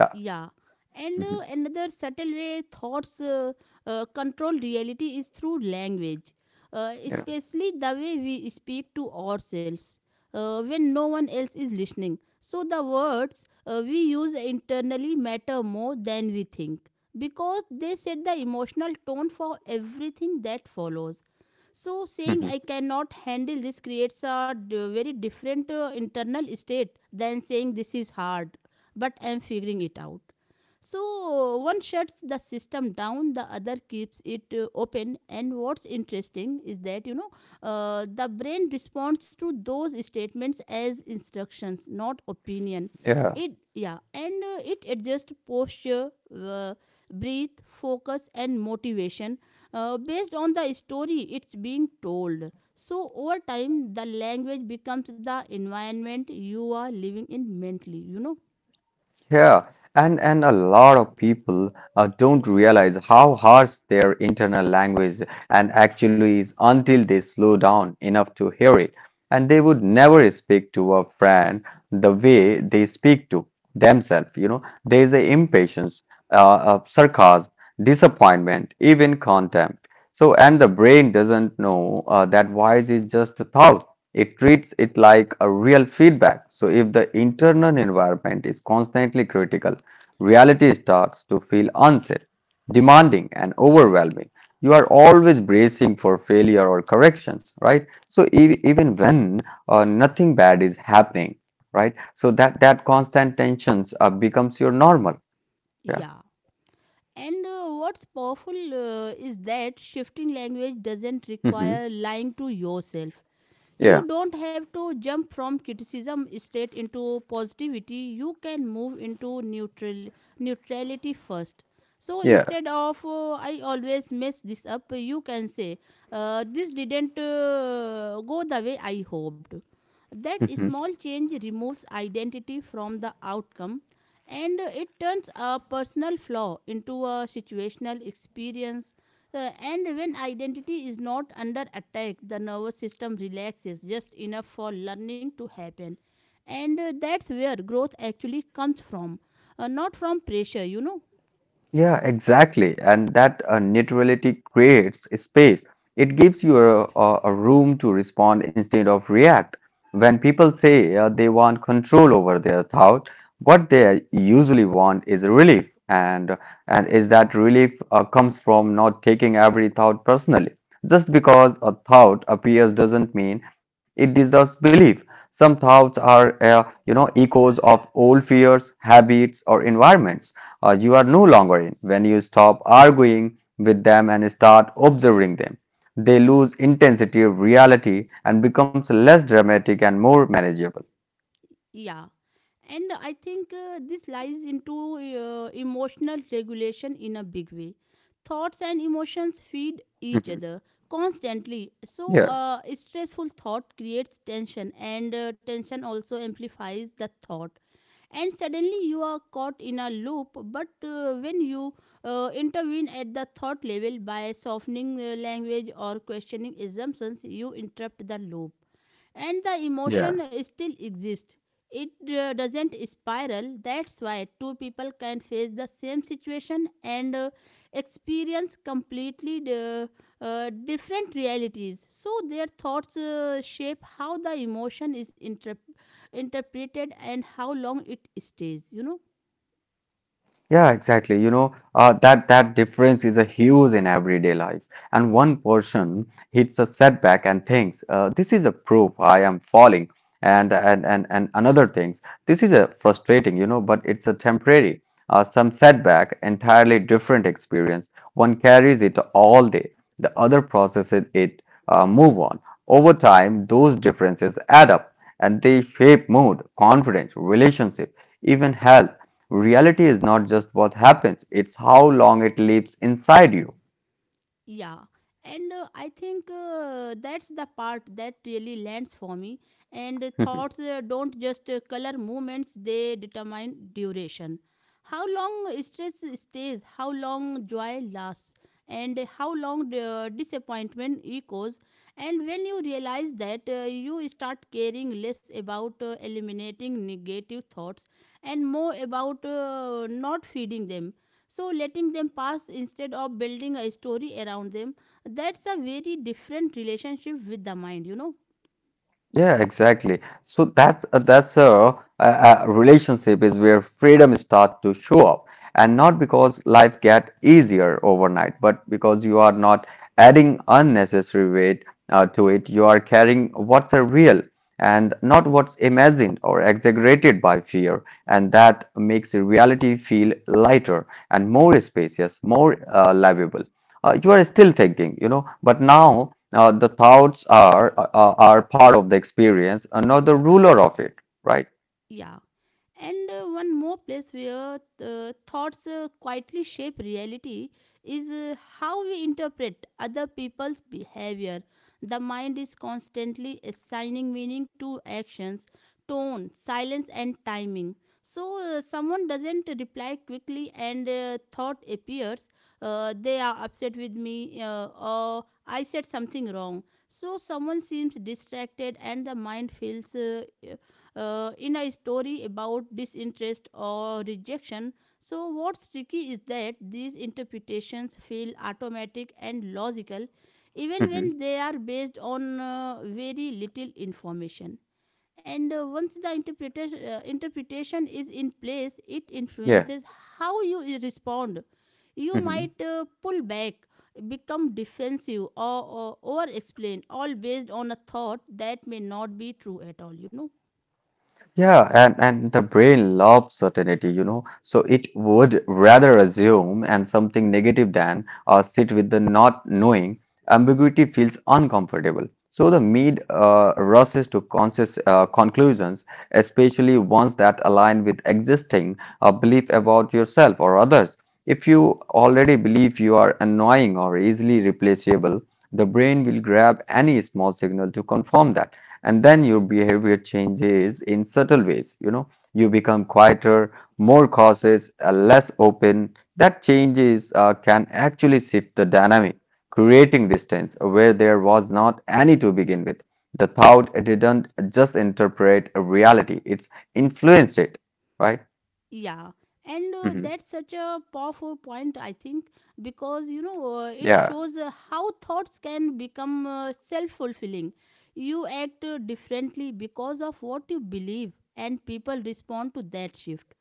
Speaker 2: Yeah.
Speaker 1: Yeah. And
Speaker 2: Mhm.
Speaker 1: another subtle way thoughts control reality is through language,
Speaker 2: Yeah.
Speaker 1: especially the way we speak to ourselves when no one else is listening. So, the words we use internally matter more than we think, because they set the emotional tone for everything that follows. So saying
Speaker 2: Mhm.
Speaker 1: I cannot handle this creates a very different internal state than saying this is hard but I'm figuring it out. So one shuts the system down, the other keeps it open. And what's interesting is that, you know, the brain responds to those statements as instructions, not opinion.
Speaker 2: Yeah.
Speaker 1: It, yeah, and it adjusts posture, uh, breathe, focus and motivation based on the story it's being told. So, over time, the language becomes the environment you are living in mentally, you know.
Speaker 2: Yeah, and a lot of people don't realize how harsh their internal language and actually is until they slow down enough to hear it. And they would never speak to a friend the way they speak to themselves. You know, there's a impatience, sarcasm, disappointment, even contempt. So, and the brain doesn't know that voice is just a thought. It treats it like a real feedback. So, if the internal environment is constantly critical, reality starts to feel unsafe, demanding, and overwhelming. You are always bracing for failure or corrections, right? So, even when nothing bad is happening, right? So, that constant tensions becomes your normal. Yeah.
Speaker 1: Yeah. And what's powerful is that shifting language doesn't
Speaker 2: Hmm.
Speaker 1: require lying to yourself.
Speaker 2: Yeah.
Speaker 1: You don't have to jump from criticism straight into positivity. You can move into neutrality first. So
Speaker 2: Yeah.
Speaker 1: instead of I always mess this up, you can say this didn't go the way I hoped. That small change removes identity from the outcome, and it turns a personal flaw into a situational experience. And when identity is not under attack, the nervous system relaxes just enough for learning to happen. And that's where growth actually comes from, not from pressure, you know.
Speaker 2: Yeah, exactly. And that neutrality creates a space. It gives you a room to respond instead of react. When people say they want control over their thought, what they usually want is relief. And is that relief comes from not taking every thought personally. Just because a thought appears doesn't mean it deserves belief. Some thoughts are, you know, echoes of old fears, habits, or environments or you are no longer in. When you stop arguing with them and start observing them, they lose intensity of reality and becomes less dramatic and more manageable.
Speaker 1: Yeah. And I think this lies into emotional regulation in a big way. Thoughts and emotions
Speaker 2: Mhm.
Speaker 1: feed each other constantly.
Speaker 2: Yeah.
Speaker 1: So, a stressful thought creates tension, and tension also amplifies the thought, and suddenly you are caught in a loop. But when you intervene at the thought level by softening language or questioning assumptions, you interrupt the loop, and the
Speaker 2: Yeah.
Speaker 1: emotion still exists. It doesn't spiral. That's why two people can face the same situation and experience completely different realities. So their thoughts shape how the emotion is interpreted and how long it stays, you know.
Speaker 2: Yeah, exactly. You know, that that difference is a huge in everyday life. And one person hits a setback and thinks, "This is a proof I am falling," and another thinks, "This is a frustrating," you know, but it's a temporary. Some setback, entirely different experience. One carries it all day. The other processes it, move on. Over time, those differences add up, and they shape mood, confidence, relationship, even health. Reality is not just what happens, it's how long it lives inside you.
Speaker 1: Yeah. And I think that's the part that really lands for me. And thoughts don't just color movements, they determine duration: how long stress stays, how long joy lasts, and how long the disappointment echoes. And when you realize that, you start caring less about eliminating negative thoughts and more about not feeding them. So letting them pass instead of building a story around them, that's a very different relationship with the mind, you know.
Speaker 2: Yeah, exactly. So that's a relationship is where freedom start to show up, and not because life get easier overnight, but because you are not adding unnecessary weight to it. You are carrying what's a real and not what's imagined or exaggerated by fear, and that makes reality feel lighter and more spacious, more livable. You are still thinking, you know, but now, the thoughts are part of the experience, not the ruler of it, right?
Speaker 1: Yeah. And one more place where thoughts quietly shape reality is how we interpret other people's behavior. The mind is constantly assigning meaning to actions, tone, silence, and timing. So, someone doesn't reply quickly, and thought appears, they are upset with me, or I said something wrong. So, someone seems distracted, and the mind feels in a story about disinterest or rejection. So, what's tricky is that these interpretations feel automatic and logical even
Speaker 2: Hmm.
Speaker 1: when they are based on very little information. And once the interpretation is in place, it
Speaker 2: Yeah.
Speaker 1: influences how you respond. You
Speaker 2: Hmm.
Speaker 1: might pull back, become defensive, or over explain, all based on a thought that may not be true at all, you know.
Speaker 2: Yeah, and the brain loves certainty, you know, so it would rather assume and something negative than sit with the not knowing. Ambiguity feels uncomfortable. So the mind rushes to conscious conclusions, especially ones that align with existing belief about yourself or others. If you already believe you are annoying or easily replaceable, the brain will grab any small signal to confirm that. And then your behavior changes in subtle ways, you know. You become quieter, more cautious, less open. That changes can actually shift the dynamic, creating distance where there was not any to begin with. The thought didn't just interpret a reality, it's influenced it, right?
Speaker 1: Yeah, and
Speaker 2: Hmm.
Speaker 1: that's such a powerful point, I think, because, you know, it
Speaker 2: Yeah.
Speaker 1: shows how thoughts can become self fulfilling. You act differently because of what you believe, and people respond to that shift.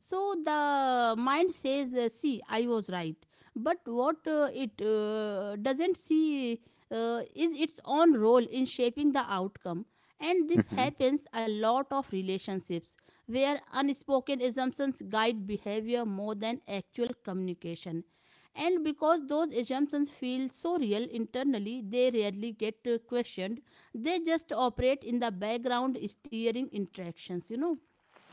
Speaker 1: So the mind says, See, I was right. But what it doesn't see is its own role in shaping the outcome. And this
Speaker 2: Mhm.
Speaker 1: happens a lot of relationships where unspoken assumptions guide behavior more than actual communication. And because those assumptions feel so real internally, they rarely get questioned. They just operate in the background, steering interactions, you know.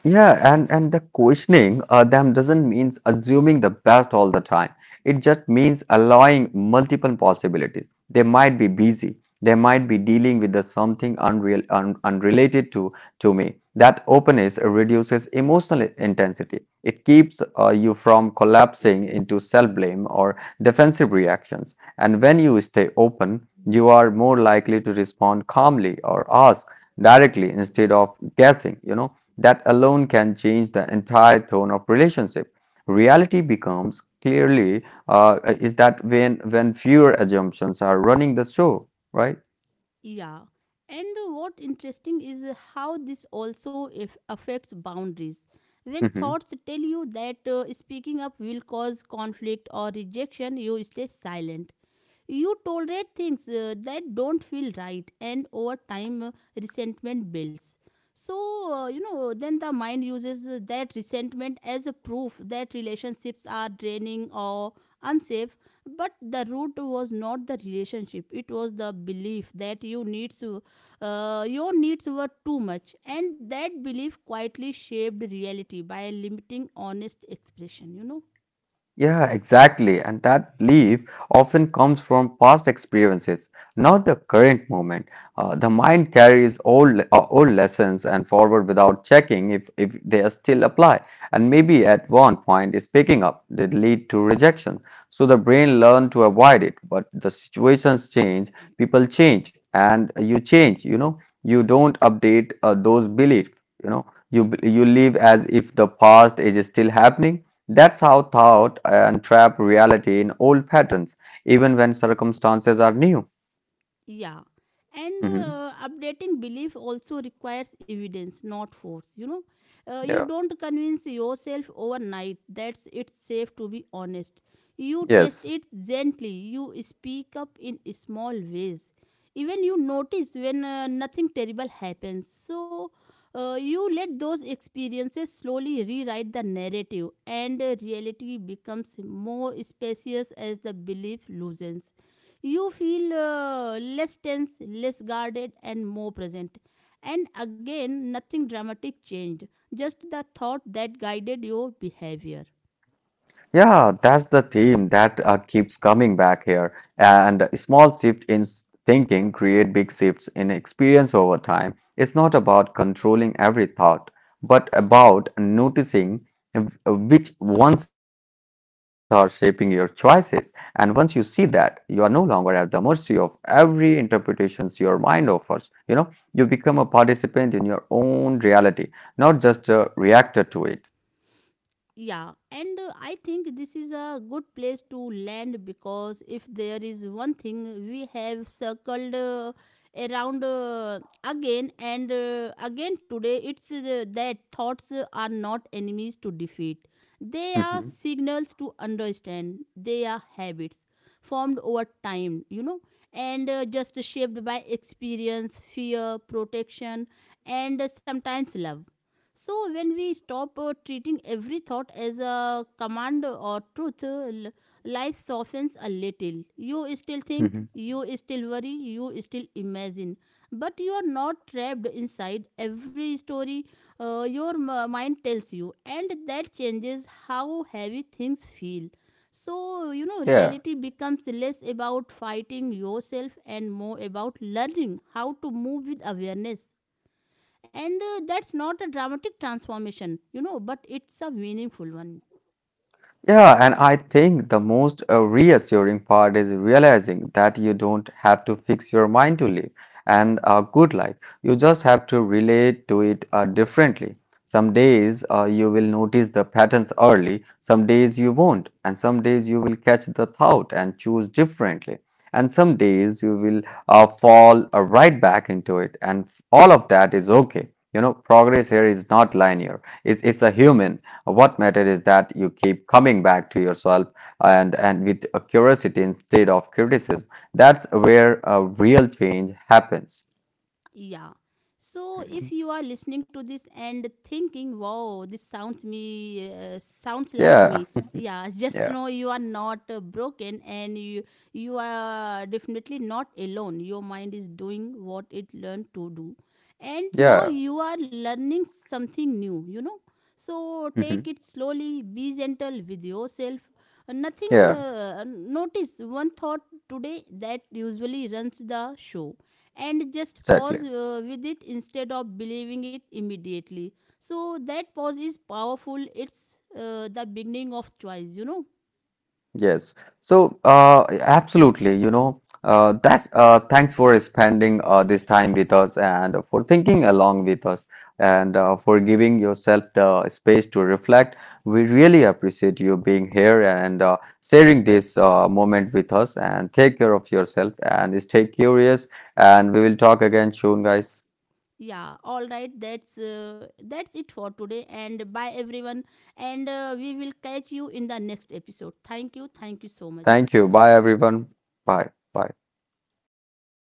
Speaker 2: Yeah, and the questioning them doesn't means assuming the best all the time. It just means allowing multiple possibilities. They might be busy. They might be dealing with the something unreal, unrelated to me. That openness reduces emotional intensity. It keeps you from collapsing into self-blame or defensive reactions. And when you stay open, you are more likely to respond calmly or ask directly instead of guessing. You know that alone can change the entire tone of relationship. Reality becomes clearly is that when fewer assumptions are running the show, right?
Speaker 1: Yeah. And what interesting is how this also if affects boundaries. When thoughts tell you that speaking up will cause conflict or rejection, you stay silent. You tolerate things that don't feel right, and over time, resentment builds. So, you know, then the mind uses that resentment as a proof that relationships are draining or unsafe. But the root was not the relationship, it was the belief that your needs were too much. And that belief quietly shaped reality by limiting honest expression, you know.
Speaker 2: Yeah, exactly. And that belief often comes from past experiences, not the current moment. The mind carries old, old lessons and forward without checking if they are still apply. And maybe at one point is picking up did lead to rejection. So the brain learned to avoid it, but the situations change, people change, and you change. You know, you don't update those beliefs. You know, you live as if the past is still happening. That's how thought and trap reality in old patterns, even when circumstances are new.
Speaker 1: Yeah. And
Speaker 2: Mhm.
Speaker 1: updating belief also requires evidence, not force. You know, you
Speaker 2: Yeah.
Speaker 1: don't convince yourself overnight that it's safe to be honest. You test
Speaker 2: Yes.
Speaker 1: it gently, you speak up in small ways. Even you notice when nothing terrible happens. So, you let those experiences slowly rewrite the narrative, and reality becomes more spacious as the belief loosens. You feel less tense, less guarded, and more present. And again, nothing dramatic changed, just the thought that guided your behavior.
Speaker 2: Yeah, that's the theme that keeps coming back here. And a small shift in thinking create big shifts in experience over time. It's not about controlling every thought, but about noticing which ones are shaping your choices. And once you see that, you are no longer at the mercy of every interpretations your mind offers. You know, you become a participant in your own reality, not just a reactor to it.
Speaker 1: Yeah, and I think this is a good place to land, because if there is one thing we have circled around again and again today, it's that thoughts are not enemies to defeat. They are signals to understand, they are habits formed over time, you know, and just shaped by experience, fear, protection, and sometimes love. So, when we stop treating every thought as a command or truth, life softens a little. You still
Speaker 2: Mhm,
Speaker 1: think,
Speaker 2: mhm.
Speaker 1: you still worry, you still imagine. But you are not trapped inside every story your mind tells you, and that changes how heavy things feel. So, you know,
Speaker 2: Yeah.
Speaker 1: reality becomes less about fighting yourself and more about learning how to move with awareness. And that's not a dramatic transformation, you know, but it's a meaningful one.
Speaker 2: Yeah, and I think the most reassuring part is realizing that you don't have to fix your mind to live and a good life. You just have to relate to it differently. Some days you will notice the patterns early, some days you won't, and some days you will catch the thought and choose differently. And some days you will fall right back into it, and all of that is okay. You know, progress here is not linear, it's a human. What matters is that you keep coming back to yourself and with a curiosity instead of criticism. That's where a real change happens.
Speaker 1: Yeah. So if
Speaker 2: Mhm.
Speaker 1: you are listening to this and thinking, "Wow, this sounds me sounds like
Speaker 2: Yeah,
Speaker 1: me," yeah, just
Speaker 2: yeah,
Speaker 1: know you are not broken, and you are definitely not alone. Your mind is doing what it learned to do, and now
Speaker 2: yeah.
Speaker 1: you are learning something new. You know, so
Speaker 2: Mhm.
Speaker 1: take it slowly. Be gentle with yourself. Nothing.
Speaker 2: Yeah,
Speaker 1: Notice one thought today that usually runs the show, and just
Speaker 2: exactly.
Speaker 1: pause with it instead of believing it immediately. So that pause is powerful. It's the beginning of choice, you know.
Speaker 2: Yes. So, absolutely. You know, that's thanks for spending this time with us and for thinking along with us and for giving yourself the space to reflect. We really appreciate you being here and sharing this moment with us. And take care of yourself and stay curious. And we will talk again soon, guys.
Speaker 1: Yeah, all right. That's that's it for today. And bye everyone. And we will catch you in the next episode. Thank you. Thank you so much.
Speaker 2: Thank you. Bye, everyone. Bye. Bye.